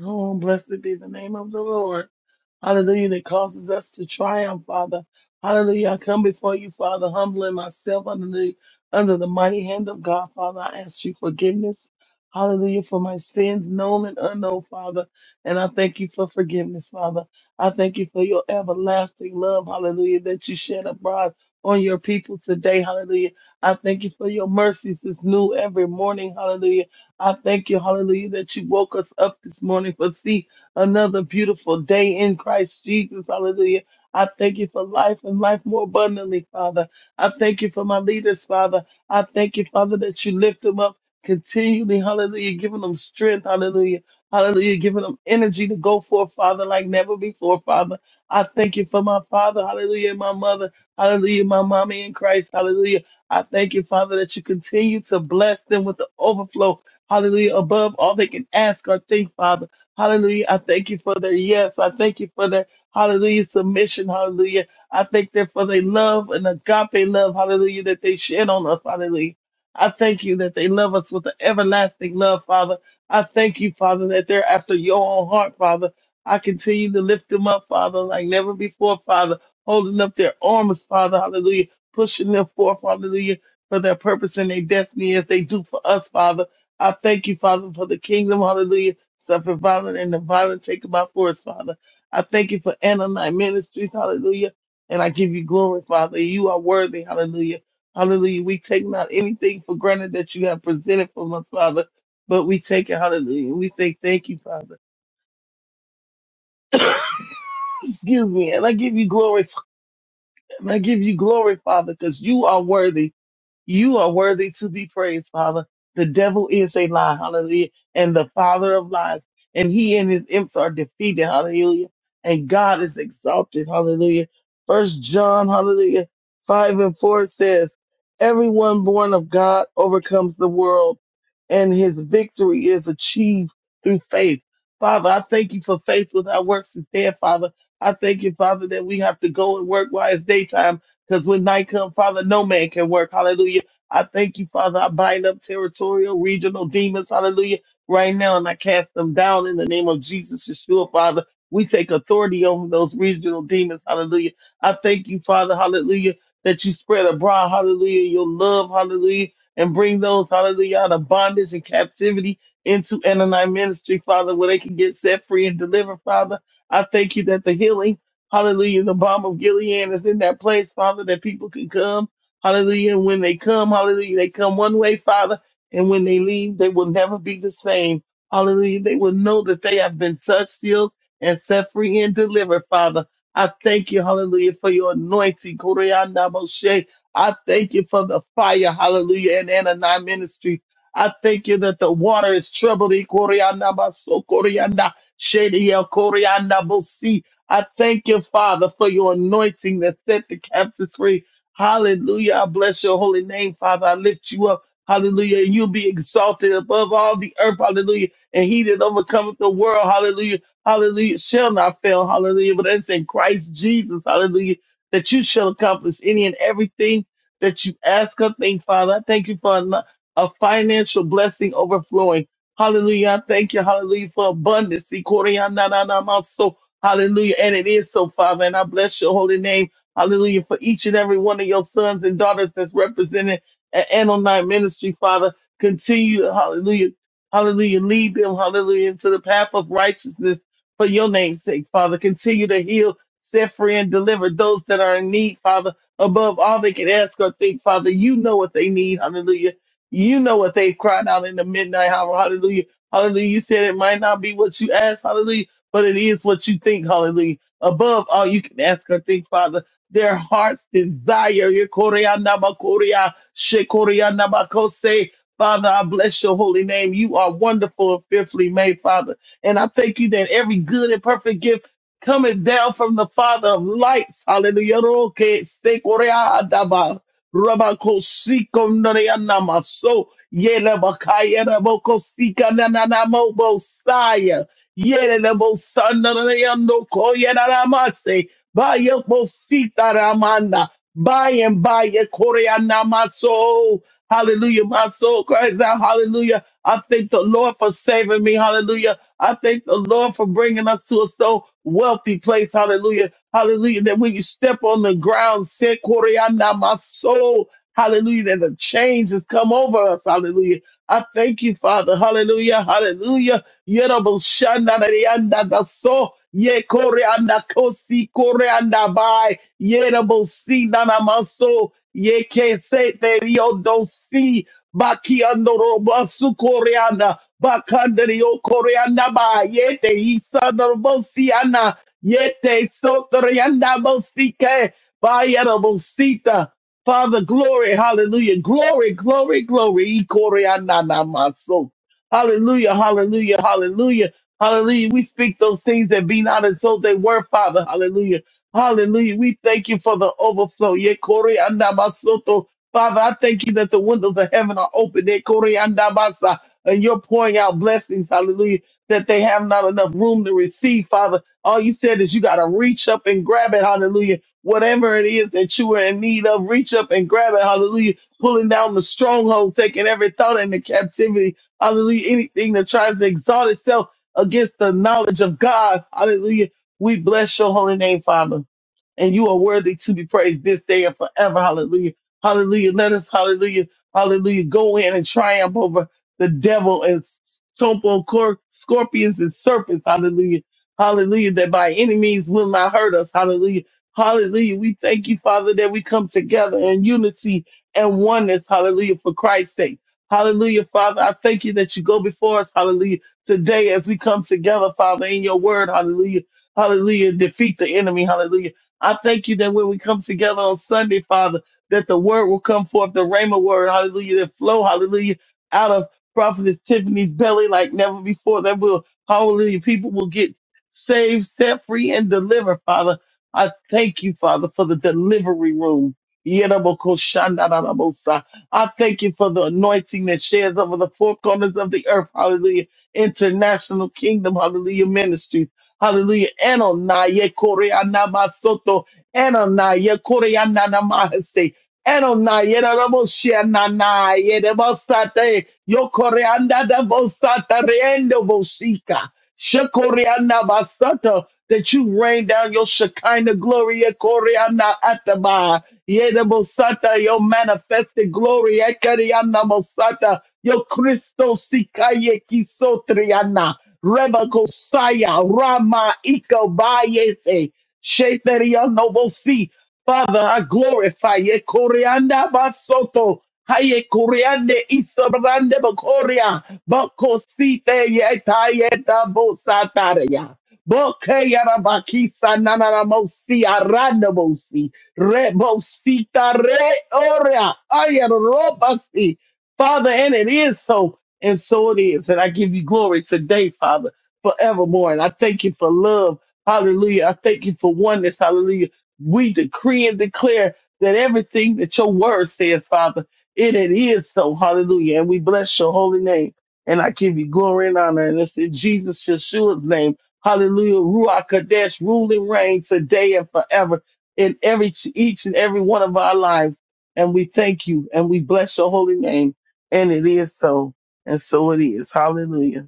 Speaker 2: Oh, blessed be the name of the Lord. Hallelujah. That causes us to triumph, Father. Hallelujah. I come before you, Father, humbling myself under the, under the mighty hand of God, Father. I ask you forgiveness. Hallelujah. For my sins, known and unknown, Father. And I thank you for forgiveness, Father. I thank you for your everlasting love. Hallelujah. That you shed abroad on your people today. Hallelujah. I thank you for your mercies is new every morning. Hallelujah. I thank you, hallelujah, that you woke us up this morning for see another beautiful day in Christ Jesus, hallelujah. I thank you for life and life more abundantly, Father. I thank you for my leaders, Father. I thank you, Father, that you lift them up continually, hallelujah, giving them strength, hallelujah, hallelujah, giving them energy to go forth, Father, like never before, Father. I thank you for my father, hallelujah, and my mother, hallelujah, my mommy in Christ, hallelujah. I thank you, Father, that you continue to bless them with the overflow Hallelujah. Above all they can ask or think, Father. Hallelujah. I thank you for their yes. I thank you for their hallelujah submission. Hallelujah. I thank them for their love and agape love. Hallelujah. That they shed on us. Hallelujah. I thank you that they love us with an everlasting love, Father. I thank you, Father, that they're after your own heart, Father. I continue to lift them up, Father, like never before, Father, holding up their arms, Father, hallelujah, pushing them forth, hallelujah, for their purpose and their destiny as they do for us, Father. I thank you, Father, for the kingdom, hallelujah, suffer violent and the violent taken by force, Father. I thank you for Anonite Ministries, hallelujah, and I give you glory, Father. You are worthy, hallelujah. Hallelujah. We take not anything for granted that you have presented from us, Father, but we take it, hallelujah. We say thank you, Father. Excuse me. And I give you glory, and I give you glory, Father, because you are worthy. You are worthy to be praised, Father. The devil is a lie, hallelujah, and the father of lies. And he and his imps are defeated, hallelujah. And God is exalted, hallelujah. First John, hallelujah, five and four says, Everyone born of God overcomes the world, and his victory is achieved through faith. Father, I thank you for faith without works is dead, Father. I thank you, Father, that we have to go and work while it's daytime because when night comes, Father, no man can work. Hallelujah. I thank you, Father. I bind up territorial, regional demons. Hallelujah. Right now, and I cast them down in the name of Jesus, Yeshua, Father. We take authority over those regional demons. Hallelujah. I thank you, Father. Hallelujah. That you spread abroad. Hallelujah. Your love. Hallelujah. And bring those, hallelujah, out of bondage and captivity into Ananite ministry, Father, where they can get set free and delivered, Father. I thank you that the healing Hallelujah. The bomb of Gilead is in that place, Father, that people can come. Hallelujah. And when they come, hallelujah, they come one way, Father. And when they leave, they will never be the same. Hallelujah. They will know that they have been touched, healed, and set free and delivered, Father. I thank you, hallelujah, for your anointing. Koryanda Moshe. I thank you for the fire, hallelujah, and Anani Ministries. I thank you that the water is troubled. Koryanda Maso, Koryanda Shady, Koryanda Bosi. I thank you, Father, for your anointing that set the captives free. Hallelujah. I bless your holy name, Father. I lift you up. Hallelujah. And you'll be exalted above all the earth. Hallelujah. And he that overcometh the world. Hallelujah. Hallelujah. Shall not fail. Hallelujah. But that's in Christ Jesus. Hallelujah. That you shall accomplish any and everything that you ask or think, Father. I thank you for a, a financial blessing overflowing. Hallelujah. I thank you. Hallelujah for abundance. Hallelujah. And it is so, Father. And I bless your holy name. Hallelujah. For each and every one of your sons and daughters that's represented at Anonite Ministry, Father. Continue, hallelujah. Hallelujah. Lead them, hallelujah, into the path of righteousness for your name's sake, Father. Continue to heal, set free, and deliver those that are in need, Father. Above all they can ask or think, Father, you know what they need. Hallelujah. You know what they've cried out in the midnight hour. Hallelujah. Hallelujah. You said it might not be what you asked. Hallelujah but it is what you think, hallelujah. Above all, you can ask or think, Father. Their heart's desire. Yekoria namakoria, shekoria namakose. Father, I bless your holy name. You are wonderful and fearfully made, Father. And I thank you that every good and perfect gift coming down from the Father of lights. Hallelujah. Roke, sekoria daba, rabakosiko noria namaso, yelebakaya rabokosika nananamobo Yerebosandareyandokoyerarabase. Bayebositaramanda. By and by, Yekoreanamaso. hallelujah, my soul cries out, hallelujah. I thank the Lord for saving me, hallelujah. I thank the Lord for bringing us to a so wealthy place, hallelujah, hallelujah. That when you step on the ground, say, Koreana, my soul. hallelujah, that the change has come over us, hallelujah. I thank you, Father. Hallelujah. Hallelujah. Yerobo shanda na yanda da so. Ye kore anda kosi kore anda bai. Yerobo si na na maso. Ye ke se te rio do si. Baki ando roba su kore anda. Bakanda rio kore anda bai. Ye te isa na robo si ana. Ye te so tori bo si ke. Bai yerobo sita. Father, glory, hallelujah, glory, glory, glory, Ikore anana maso. Hallelujah, hallelujah, hallelujah, hallelujah. We speak those things that be not as though they were, Father, hallelujah, hallelujah. We thank you for the overflow, Yekore anamasoto. Father, I thank you that the windows of heaven are open, Yekore andamasa, and you're pouring out blessings, hallelujah, that they have not enough room to receive, Father. All you said is you got to reach up and grab it, hallelujah whatever it is that you are in need of, reach up and grab it. Hallelujah. Pulling down the stronghold, taking every thought into captivity. Hallelujah. Anything that tries to exalt itself against the knowledge of God. Hallelujah. We bless your holy name, Father and you are worthy to be praised this day and forever. Hallelujah. Hallelujah. Let us, hallelujah, hallelujah, go in and triumph over the devil and stumble scorpions and serpents. Hallelujah. Hallelujah. That by any means will not hurt us. Hallelujah. Hallelujah. We thank you, Father, that we come together in unity and oneness. Hallelujah. For Christ's sake. Hallelujah, Father. I thank you that you go before us. Hallelujah. Today, as we come together, Father, in your word. Hallelujah. Hallelujah. Defeat the enemy. Hallelujah I thank you that when we come together on Sunday, Father, that the word will come forth, the rhema word, hallelujah, that flow, hallelujah, out of prophetess Tiffany's belly like never before. That will, hallelujah, people will get saved, set free, and delivered, Father. I thank you, Father, for the delivery room. Yerabokoshandarabosai. I thank you for the anointing that shares over the four corners of the earth. Hallelujah. International Kingdom. Hallelujah. Ministry. Hallelujah. Enonaya koreana masoto. Enonaya koreana namaste. Enonaya ramoshia nanaya Yo coreanda da bosata reendo bosika. Shekoreanda basata. That you rain down your Shekinah glory. eh, Koreanda ataba. Yeda bosata. Your manifested glory. Ekarianda bosata. Your Christo sikaye kisotriana. Reba kosaya. Rama iko Bayete Sheteriano bosi. Father, I glorify you. Koreanda basoto. Haye koreande isobrande bakoria. Bako yeta yeta bosataria. Boke yarabakisa nanana mosi aranda mosi. Re bosita re oria. Ayarobasi. Father, and it is so. And so it is. And I give you glory today, Father, forevermore. And I thank you for love. Hallelujah. I thank you for oneness. Hallelujah we decree and declare that everything that your word says, Father, it, it is so. Hallelujah. And we bless your holy name. And I give you glory and honor. And it's in Jesus Yeshua's name. Hallelujah. Ruach Kadesh, rule and reign today and forever in every each and every one of our lives. And we thank you and we bless your holy name. And it is so. And so it is. Hallelujah.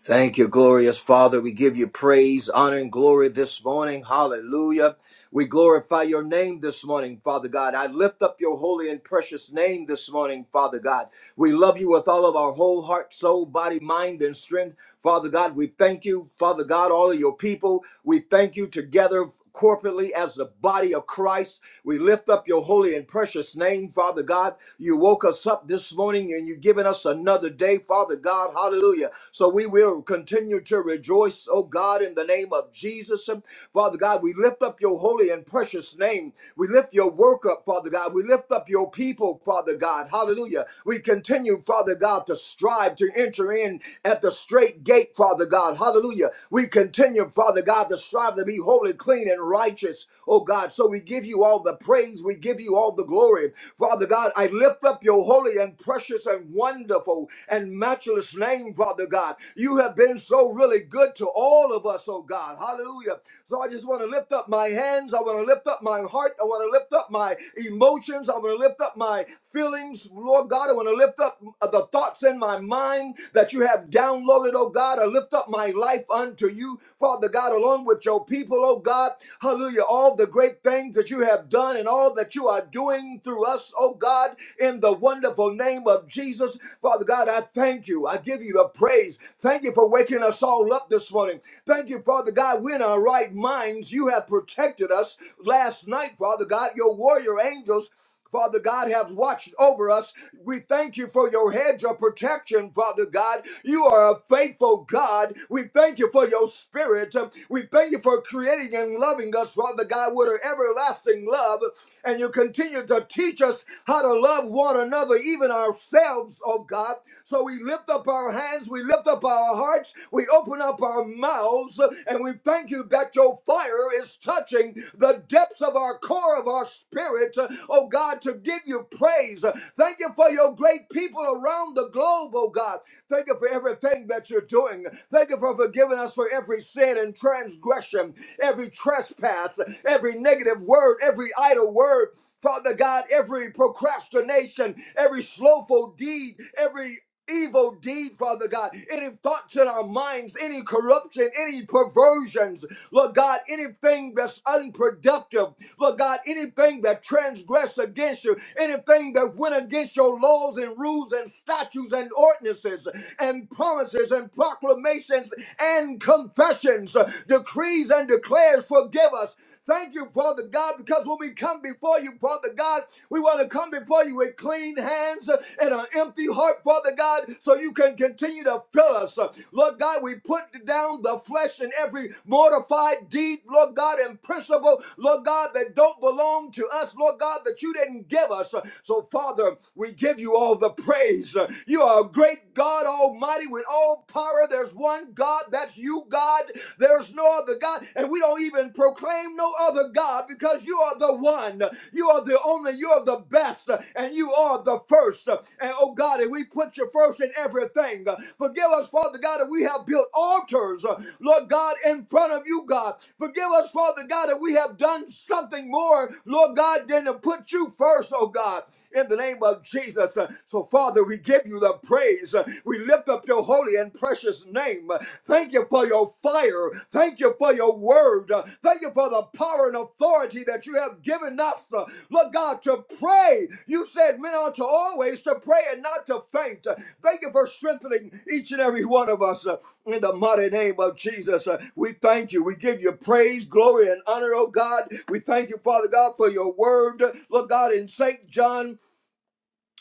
Speaker 3: Thank you, glorious Father. We give you praise, honor, and glory this morning. Hallelujah. We glorify your name this morning, Father God. I lift up your holy and precious name this morning, Father God. We love you with all of our whole heart, soul, body, mind, and strength. Father God, we thank you, Father God, all of your people. We thank you together corporately as the body of Christ. We lift up your holy and precious name, Father God. You woke us up this morning and you've given us another day, Father God. Hallelujah. So we will continue to rejoice, oh God, in the name of Jesus. And Father God, we lift up your holy and precious name. We lift your work up, Father God. We lift up your people, Father God. Hallelujah. We continue, Father God, to strive to enter in at the straight gate, Father God. Hallelujah. We continue, Father God, to strive strive to be holy, clean, and righteous, oh God. So we give you all the praise, we give you all the glory. Father God, I lift up your holy and precious and wonderful and matchless name, Father God. You have been so really good to all of us, oh God. Hallelujah. So I just want to lift up my hands, I want to lift up my heart, I want to lift up my emotions, I want to lift up my feelings, Lord God. I want to lift up the thoughts in my mind that you have downloaded, oh God. I lift up my life unto you do, Father God, along with your people, oh God. Hallelujah. All the great things that you have done and all that you are doing through us, oh God, in the wonderful name of Jesus. Father God, I thank you. I give you the praise. Thank you for waking us all up this morning. Thank you, Father God. We're in our right minds. You have protected us last night, Father God. Your warrior angels. Father God, have watched over us. We thank you for your hedge of protection, Father God. You are a faithful God. We thank you for your spirit. We thank you for creating and loving us, Father God, with an everlasting love. And you continue to teach us how to love one another, even ourselves, oh God. So we lift up our hands, we lift up our hearts, we open up our mouths, and we thank you that your spiritual fire is touching the depths of our core of our spirit, oh God, to give you praise. Thank you for your great people around the globe, oh God. Thank you for everything that you're doing. Thank you for forgiving us for every sin and transgression, every trespass, every negative word, every idle word. Father God, every procrastination, every slothful deed, every evil deed, Father God, any thoughts in our minds, any corruption, any perversions, Lord God, anything that's unproductive, Lord God, anything that transgress against you, anything that went against your laws and rules and statutes and ordinances and promises and proclamations and confessions, decrees and declares, forgive us Thank you, Father God, because when we come before you, Father God, we want to come before you with clean hands and an empty heart, Father God, so you can continue to fill us. Lord God, we put down the flesh and every mortified deed, Lord God, and principle, Lord God, that don't belong to us, Lord God, that you didn't give us. So, Father, we give you all the praise. You are a great God Almighty with all power. There's one God, that's you you, God. There's no other God, and we don't even proclaim no other God because you are the one. You are the only, you are the best, and you are the first. And oh God, and we put you first in everything. Forgive us, Father God, that we have built altars, Lord God, in front of you, God. Forgive us, Father God, that we have done something more, Lord God, than to put you first, oh God in the name of Jesus. Uh, So, Father, we give you the praise. Uh, We lift up your holy and precious name. Uh, Thank you for your fire. Thank you for your word. Uh, Thank you for the power and authority that you have given us, uh, Lord God, to pray. You you said men ought to always to pray and not to faint. Thank you for strengthening each and every one of us uh, in the mighty name of Jesus. Uh, We thank you. We give you praise, glory, and honor, oh God. We thank you, Father God, for your word. Look, God, in St. John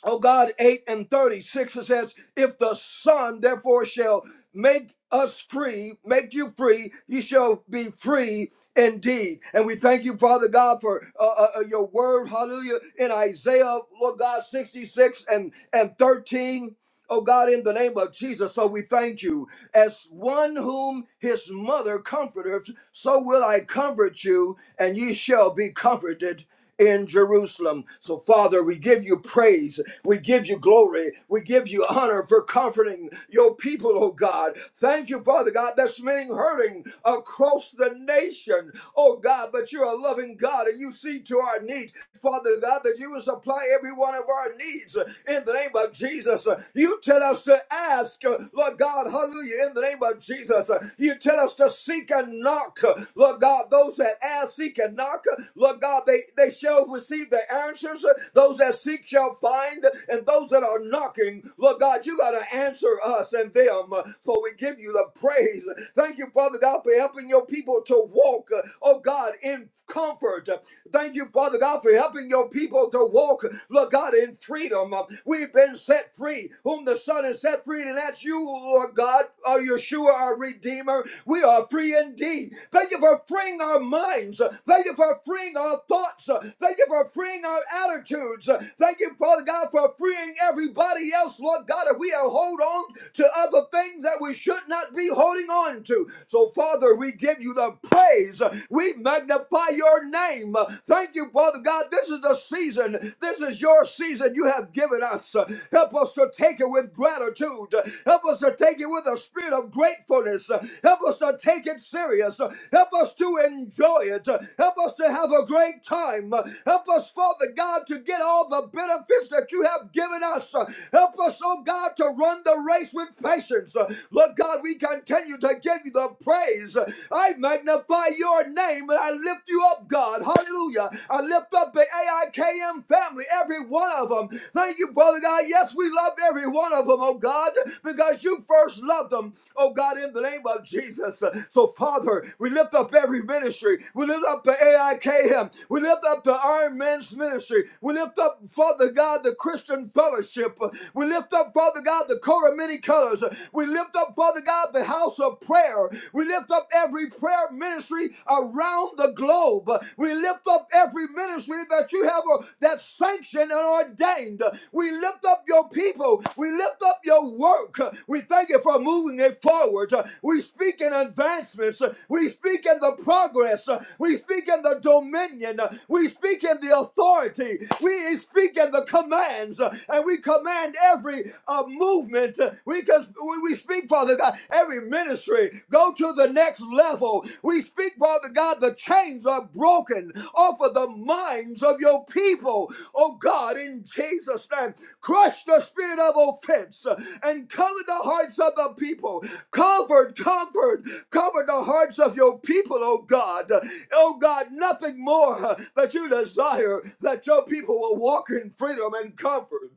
Speaker 3: oh God, 8 and 36, it says, If the Son therefore shall make us free, make you free, you shall be free indeed. And we thank you, Father God, for uh, uh, uh, your word, hallelujah, in Isaiah, Lord God, 66 and, and 13. Oh God, in the name of Jesus, so we thank you. As one whom his mother comforteth, so will I comfort you, and ye shall be comforted in Jerusalem. So, Father, we give you praise. We give you glory. We give you honor for comforting your people, oh God. Thank you, Father God. There's many hurting across the nation, oh God, but you're a loving God and you see to our needs. Father God, that you will supply every one of our needs in the name of Jesus. You tell us to ask, Lord God, hallelujah, in the name of Jesus. You tell us to seek and knock, Lord God, those that ask, seek and knock. Lord God, they, they shall receive the answers. Those that seek shall find, and those that are knocking, Lord God, you got to answer us and them, for we give you the praise. Thank you, Father God, for helping your people to walk, oh God, in comfort. Thank you, Father God, for helping your people to walk, Lord God, in freedom. We've been set free, whom the Son has set free, and that's you, Lord God, our Yeshua, our Redeemer. We are free indeed. Thank you for freeing our minds minds. Thank you for freeing our thoughts. Thank you for freeing our attitudes. Thank you, Father God, for freeing everybody else, Lord God, if we are hold on to other things that we should not be holding on to. So, Father, we give you the praise. We magnify your name. Thank you, Father God. This is the season. This is your season you have given us. Help us to take it with gratitude. Help us to take it with a spirit of gratefulness. Help us to take it serious. Help Help us to enjoy it. Help us to have a great time. Help us, Father God, to get all the benefits that you have given us. Help us, oh God, to run the race with patience. Lord God, we continue to give you the praise. I magnify your name and I lift you up, God. Hallelujah. I lift up the AIKM family, every one of them. Thank you, Brother God. Yes, we love every one of them, oh God, because you first loved them, oh God, in the name of Jesus. So so, Father, we lift up every ministry. We lift up the AIKM. We lift up the Iron Men's ministry. We lift up, Father God, the Christian Fellowship. We lift up, Father God, the coat of many colors. We lift up, Father God, the house of prayer. We lift up every prayer ministry around the globe. We lift up every ministry that you have uh, that's sanctioned and ordained. We lift up your people. We lift up your work. We thank you for moving it forward. We we speak in advancements. We speak in the progress. We speak in the dominion. We speak in the authority. We speak in the commands. And we command every uh, movement. We, we we speak, Father God, every ministry. Go to the next level. We speak, Father God, the chains are broken off of the minds of your people. Oh God, in Jesus' name, crush the spirit of offense and cover the hearts of the people people. Comfort, comfort, comfort the hearts of your people, oh God. Oh God, nothing more that you desire that your people will walk in freedom and comfort.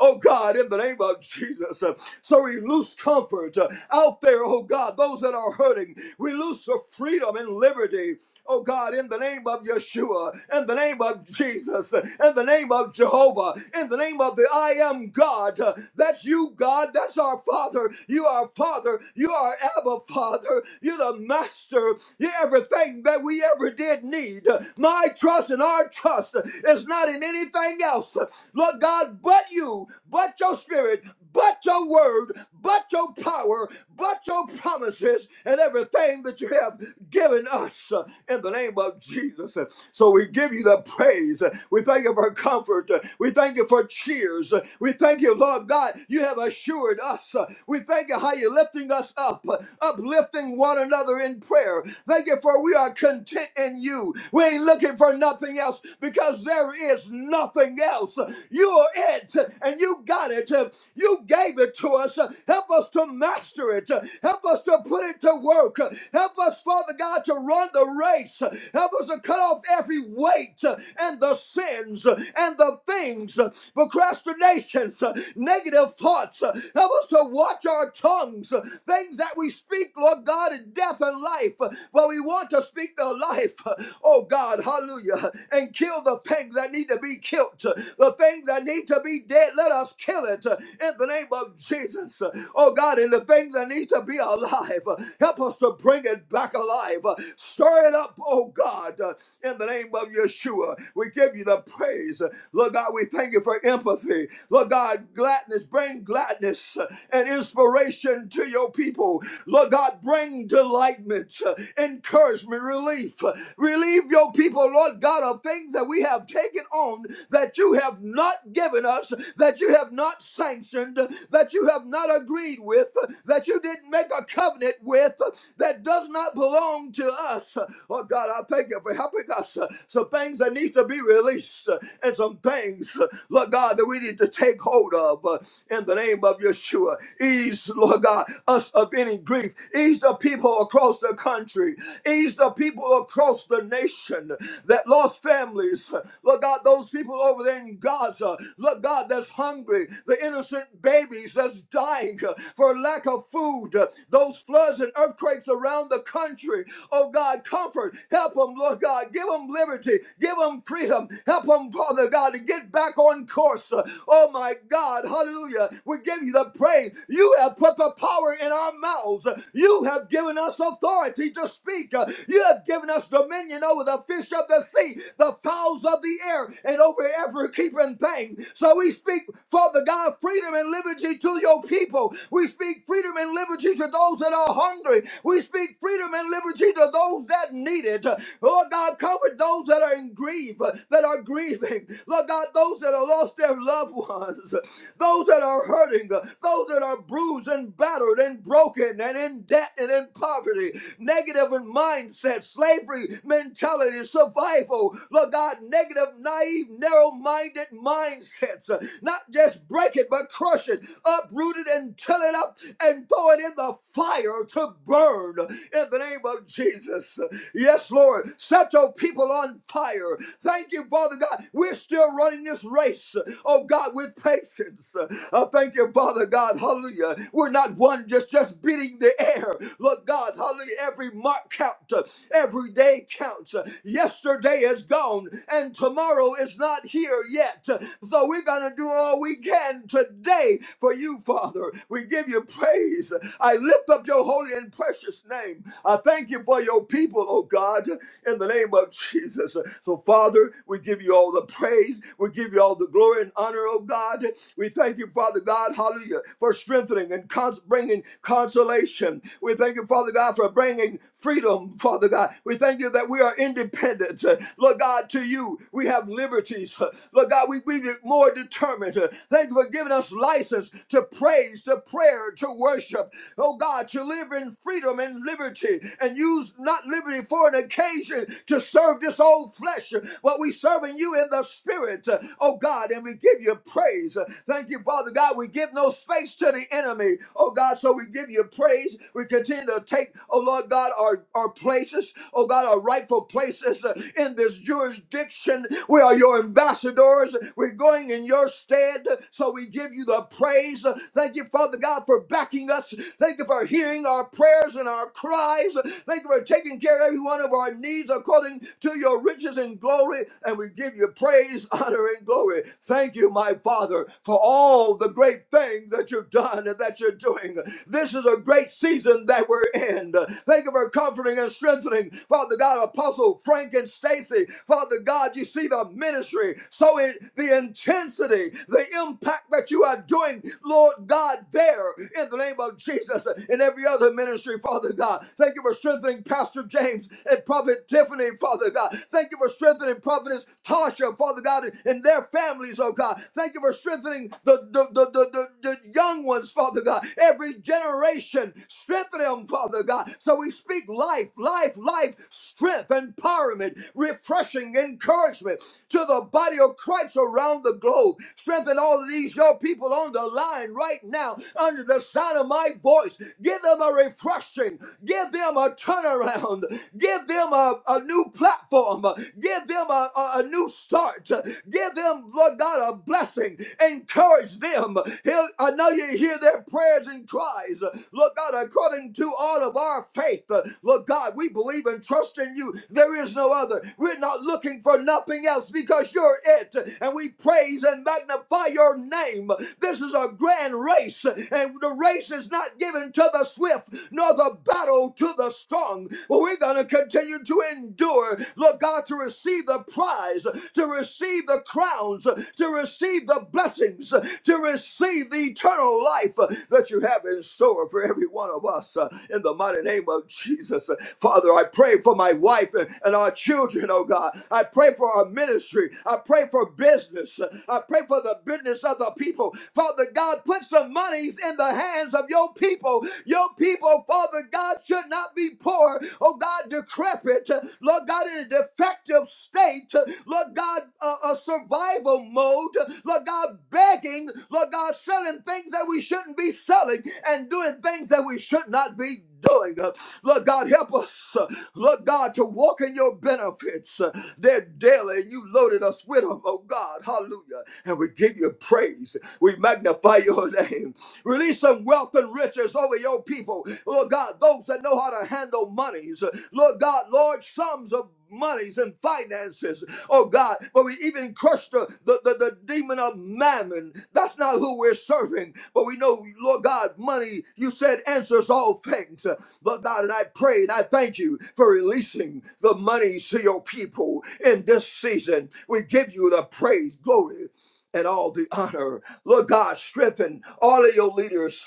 Speaker 3: Oh God, in the name of Jesus. So we loose comfort out there, oh God, those that are hurting. We loose the freedom and liberty. Oh God, in the name of Yeshua, in the name of Jesus, in the name of Jehovah, in the name of the I am God. That's you, God. That's our Father. You are Father. You are Abba Father. You're the Master. You're everything that we ever did need. My trust and our trust is not in anything else. Lord God, but you, but your spirit, but your word, but your power, but your promises, and everything that you have given us us uh, in the name of Jesus. So we give you the praise. We thank you for comfort. We thank you for cheers. We thank you, Lord God, you have assured us. We thank you how you're lifting us up, uplifting one another in prayer. Thank you for we are content in you. We ain't looking for nothing else because there is nothing else. You are it and you got it. You gave it to us. Help us to master it. Help us to put it to work. Help us, Father God. God, to run the race. Help us to cut off every weight and the sins and the things, procrastinations, negative thoughts. Help us to watch our tongues, things that we speak, Lord God, in death and life. But we want to speak the life, oh God, hallelujah, and kill the things that need to be killed, the things that need to be dead. Let us kill it in the name of Jesus, oh God, and the things that need to be alive. Help us to bring it back it back alive. Uh, Stir it up, oh God, uh, in the name of Yeshua. We give you the praise. Uh, Lord God, we thank you for empathy. Lord God, gladness, bring gladness uh, and inspiration to your people. Lord God, bring delightment, uh, encouragement, relief. Uh, Relieve your people, Lord God, of things that we have taken on that you have not given us, that you have not sanctioned, that you have not agreed with, that you didn't make a covenant with, that does not belong to us. Oh God, I thank you for helping us. Some things that needs to be released and some things, Lord God, that we need to take hold of uh, in the name of Yeshua. Ease, Lord God, us of any grief. Ease the people across the country. Ease the people across the nation that lost families. Lord God, those people over there in Gaza. Lord God, that's hungry. The innocent babies that's dying uh, for lack of food. Those floods and earthquakes around the country. Oh God, comfort. Help them, Lord God. Give them liberty. Give them freedom. Help them, Father God, to get back on course. Oh my God, hallelujah. We give you the praise. You have put the power in our mouths. You have given us authority to speak. You have given us dominion over the fish of the sea, the fowls of the air, and over every creeping thing. So we speak, Father God, freedom and liberty to your people. We speak freedom and liberty to those that that are hungry. We speak freedom and liberty to those that need it. Lord God, comfort those that are in grief, that are grieving. Lord God, those that have lost their loved ones, those that are hurting, those that are bruised and battered and broken and in debt and in poverty negative in mindset, slavery mentality, survival. Lord God, negative, naive, narrow minded mindsets. Not just break it, but crush it, uproot it, and till it up and throw it in the the fire to burn in the name of Jesus. Yes, Lord, set your people on fire. Thank you, Father God. We're still running this race, oh God, with patience. Uh, thank you, Father God. Hallelujah. We're not one just just beating the air. Look, God, hallelujah. Every mark counts, uh, every day counts. Uh, Yesterday is gone, and tomorrow is not here yet. Uh, So we're gonna do all we can today for you, Father. We give you praise praise. I lift up your holy and precious name. I thank you for your people, oh God, in the name of Jesus. So, Father, we give you all the praise. We give you all the glory and honor, oh God. We thank you, Father God, hallelujah, for strengthening and cons- bringing consolation. We thank you, Father God, for bringing freedom, Father God. We thank you that we are independent. Uh, Lord God, to you, we have liberties. Uh, Lord God, we we be more determined. Uh, Thank you for giving us license to praise, to prayer, prepared to worship, oh God, to live in freedom and liberty and use not liberty for an occasion to serve this old flesh, but we serving you in the spirit, oh God, and we give you praise. Thank you, Father God. We give no space to the enemy, oh God, so we give you praise. We continue to take, oh Lord God, our, our places, oh God, our rightful places uh, in this jurisdiction. We are your ambassadors. We're going in your stead, so we give you the praise. Thank you, Father. Father God, for backing us. Thank you for hearing our prayers and our cries. Thank you for taking care of every one of our needs according to your riches and glory. And we give you praise, honor, and glory. Thank you, my Father, for all the great things that you've done and that you're doing. This is a great season that we're in. Thank you for comforting and strengthening, Father God, Apostle Frank and Stacy. Father God, you see the ministry. So in the intensity, the impact that you are doing, Lord. Lord God, there in the name of Jesus and every other ministry, Father God. Thank you for strengthening Pastor James and Prophet Tiffany, Father God. Thank you for strengthening Prophetess Tasha, Father God, and their families, oh God. Thank you for strengthening the, the, the, the, the, the young ones, Father God. Every generation, strengthen them, Father God. So we speak life, life, life, strength, empowerment, refreshing encouragement to the body of Christ around the globe. Strengthen all of these, your people on the the line right now under the sound of my voice. Give them a refreshing. Give them a turnaround. Give them a, a new platform. Give them a, a, a new start. Give them, Lord God, a blessing. Encourage them. Hear- I know you hear their prayers and cries. Lord God, according to all of our faith, Lord God, we believe and trust in you. There is no other. We're not looking for nothing else because you're it. And we praise and magnify your name game. This is a grand race, and the race is not given to the swift, nor the battle to the strong. But we're going to continue to endure, Lord God, to receive the prize, to receive the crowns, to receive the blessings, to receive the eternal life that you have in store for every one of us. uh, In the mighty name of Jesus, Uh, Father, I pray for my wife and and our children, oh God. I pray for our ministry. I pray for business. I pray for the business business of the people. Father God, put some monies in the hands of your people. Your people, Father God, should not be poor, oh God, decrepit, Lord God, in a defective state, Lord God, uh, a survival mode, Lord God, begging, Lord God, selling things that we shouldn't be selling and doing things that we should not be doing. Lord God, help us, Lord God, to walk in your benefits. They're daily, and you loaded us with them, oh God, hallelujah. And we we give you praise. We magnify your name. Release some wealth and riches over your people. Lord God, those that know how to handle monies. Lord God, large sums of monies and finances. Oh God, but we even crushed the, the, the, the demon of mammon. That's not who we're serving. But we know, Lord God, money, you said answers all things. Lord God, and I pray and I thank you for releasing the money to your people in this season. We give you the praise, glory, and all the honor. Lord God, strengthen all of your leaders,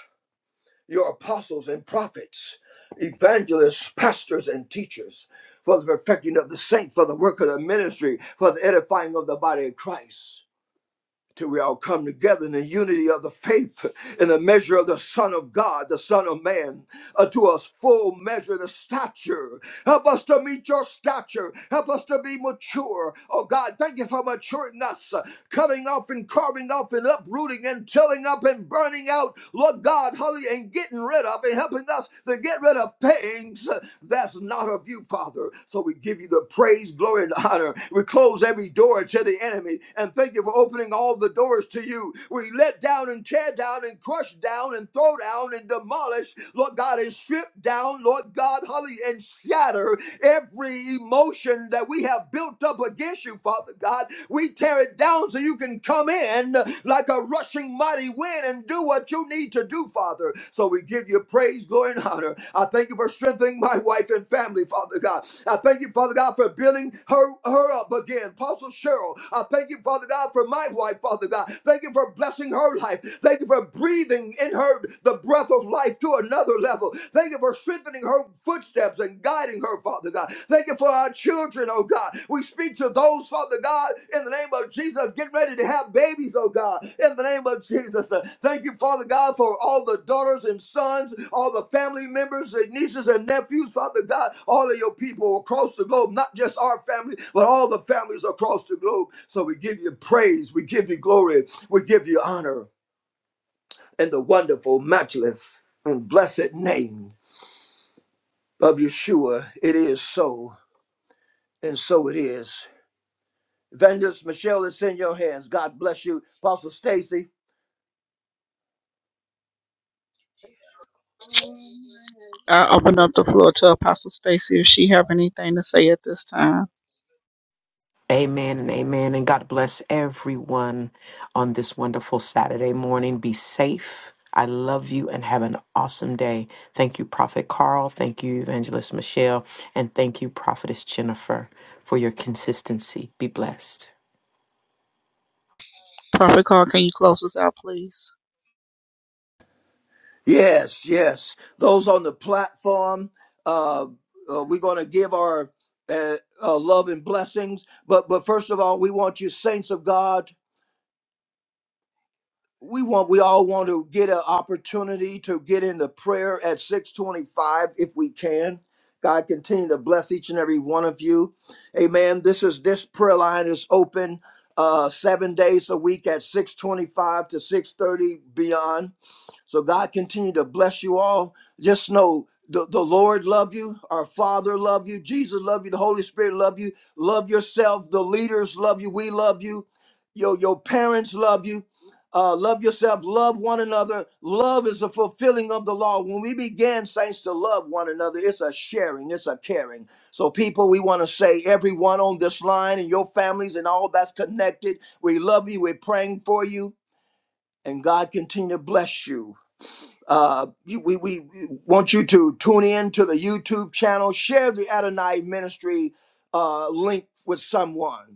Speaker 3: your apostles and prophets, evangelists, pastors, and teachers for the perfecting of the saint, for the work of the ministry, for the edifying of the body of Christ till we all come together in the unity of the faith in the measure of the son of god the son of man unto us full measure the stature help us to meet your stature help us to be mature oh god thank you for maturing us uh, cutting off and carving off and uprooting and tilling up and burning out lord god hallelujah and getting rid of and helping us to get rid of things that that's not of you, Father. So we give you the praise, glory, and honor. We close every door to the enemy and thank you for opening all the doors to you. We let down and tear down and crush down and throw down and demolish, Lord God, and strip down, Lord God, hallelujah, and shatter every emotion that we have built up against you, Father God. We tear it down so you can come in like like a rushing mighty wind and do what you need to do, Father. So we give you praise, glory, and honor. I thank you for strengthening my wife and family, Father God. I thank you, Father God, for building her, her up again. Apostle Cheryl, I thank you, Father God, for my wife, Father God. Thank you for blessing her life. Thank you for breathing in her the breath of life to another level. Thank you for strengthening her footsteps and guiding her, Father God. Thank you for our children, oh God. We speak to those, Father God, in the name of Jesus. Get ready to have babies, oh God, in the name of Jesus. Uh, Thank you, Father God, for all the daughters and sons, all the family members and nieces and nephews, Father God, all of your people across the globe, not just our family, but all the families across the globe. So we give you praise, we give you glory, we give you honor in the wonderful, matchless, and blessed name of Yeshua. It is so, and so it is. Evangelist Michelle, it's in your hands. God bless you. Apostle Stacy.
Speaker 4: Amen and amen. And God bless everyone on this wonderful Saturday morning. Be safe. I love you and have an awesome day. Thank you, Prophet Carl. Thank you, Evangelist Michelle. And thank you, Prophetess Jennifer, for your consistency. Be blessed.
Speaker 3: Yes, yes. Those on the platform, uh, uh, we're going to give our uh, uh, love and blessings. But but first of all, we want you, saints of God, we want we all want to get an opportunity to get into prayer at 625 if we can god continue to bless each and every one of you amen this is this prayer line is open uh seven days a week at 625 to 630 beyond so God continue to bless you all. Just know the, the Lord love you, our Father love you, Jesus love you, the Holy Spirit love you, love yourself, the leaders love you, we love you, your your parents love you. Uh, love yourself, love one another. Love is the fulfilling of the law. When we began, saints, to love one another, it's a sharing, it's a caring. So, people, we want to say, everyone on this line and your families and all that's connected, we love you, we're praying for you, and God continue to bless you. Uh, you, we, we want you to tune in to the YouTube channel, share the Adonai Ministry uh, link with someone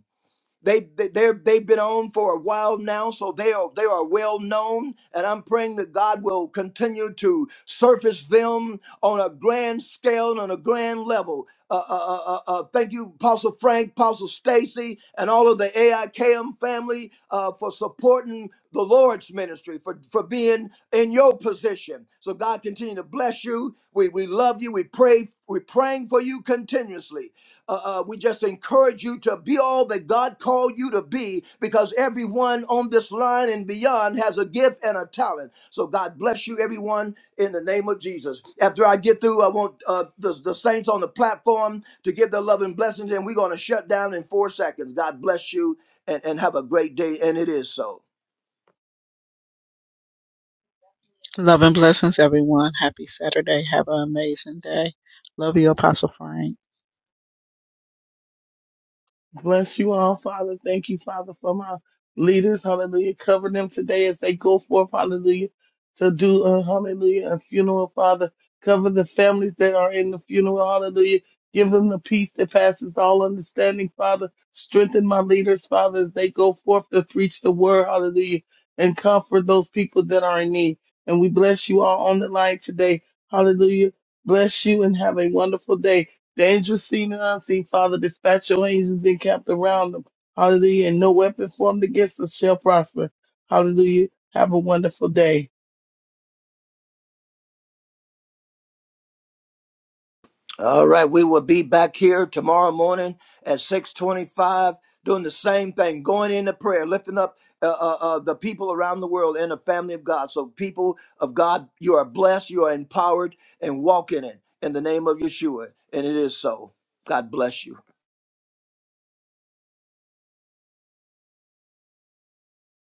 Speaker 3: they, they they have been on for a while now, so they are they are well known, and I'm praying that God will continue to surface them on a grand scale and on a grand level. Uh, uh, uh, uh, uh, thank you, Apostle Frank, Apostle Stacy, and all of the AIKM family uh, for supporting the Lord's ministry, for, for being in your position. So God continue to bless you. We, we love you. We pray. We're praying for you continuously. Uh, uh, we just encourage encourage you to be all that God called you to be because everyone on this line and beyond has a gift and a talent. So God bless you, everyone, in the name of Jesus. After I get through, I want uh, the, the saints on the platform to give their love and blessings, and we're going to shut down in four seconds. God bless you and, and have a great day. And it is so.
Speaker 2: Bless you all, Father. Thank you, Father, for my leaders. Hallelujah. Cover them today as they go forth. Hallelujah. To do a hallelujah, a funeral, Father. Cover the families that are in the funeral. Hallelujah. Give them the peace that passes all understanding, Father. Strengthen my leaders, Father, as they go forth to preach the word. Hallelujah. And comfort those people that are in need. And we bless you all on the line today. Hallelujah. Bless you and have a wonderful day. The angels seen and unseen, Father, dispatch your angels and camped around them. Hallelujah. And no weapon formed against us shall prosper. Hallelujah. Have a wonderful day.
Speaker 3: All right, we will be back here tomorrow morning at 6:25 doing the same thing, going into prayer, lifting up uh, uh, uh, the people around the world in the family of God. So people of God, you are blessed, you are empowered and walk in it in the name of Yeshua, and it is so. God bless you.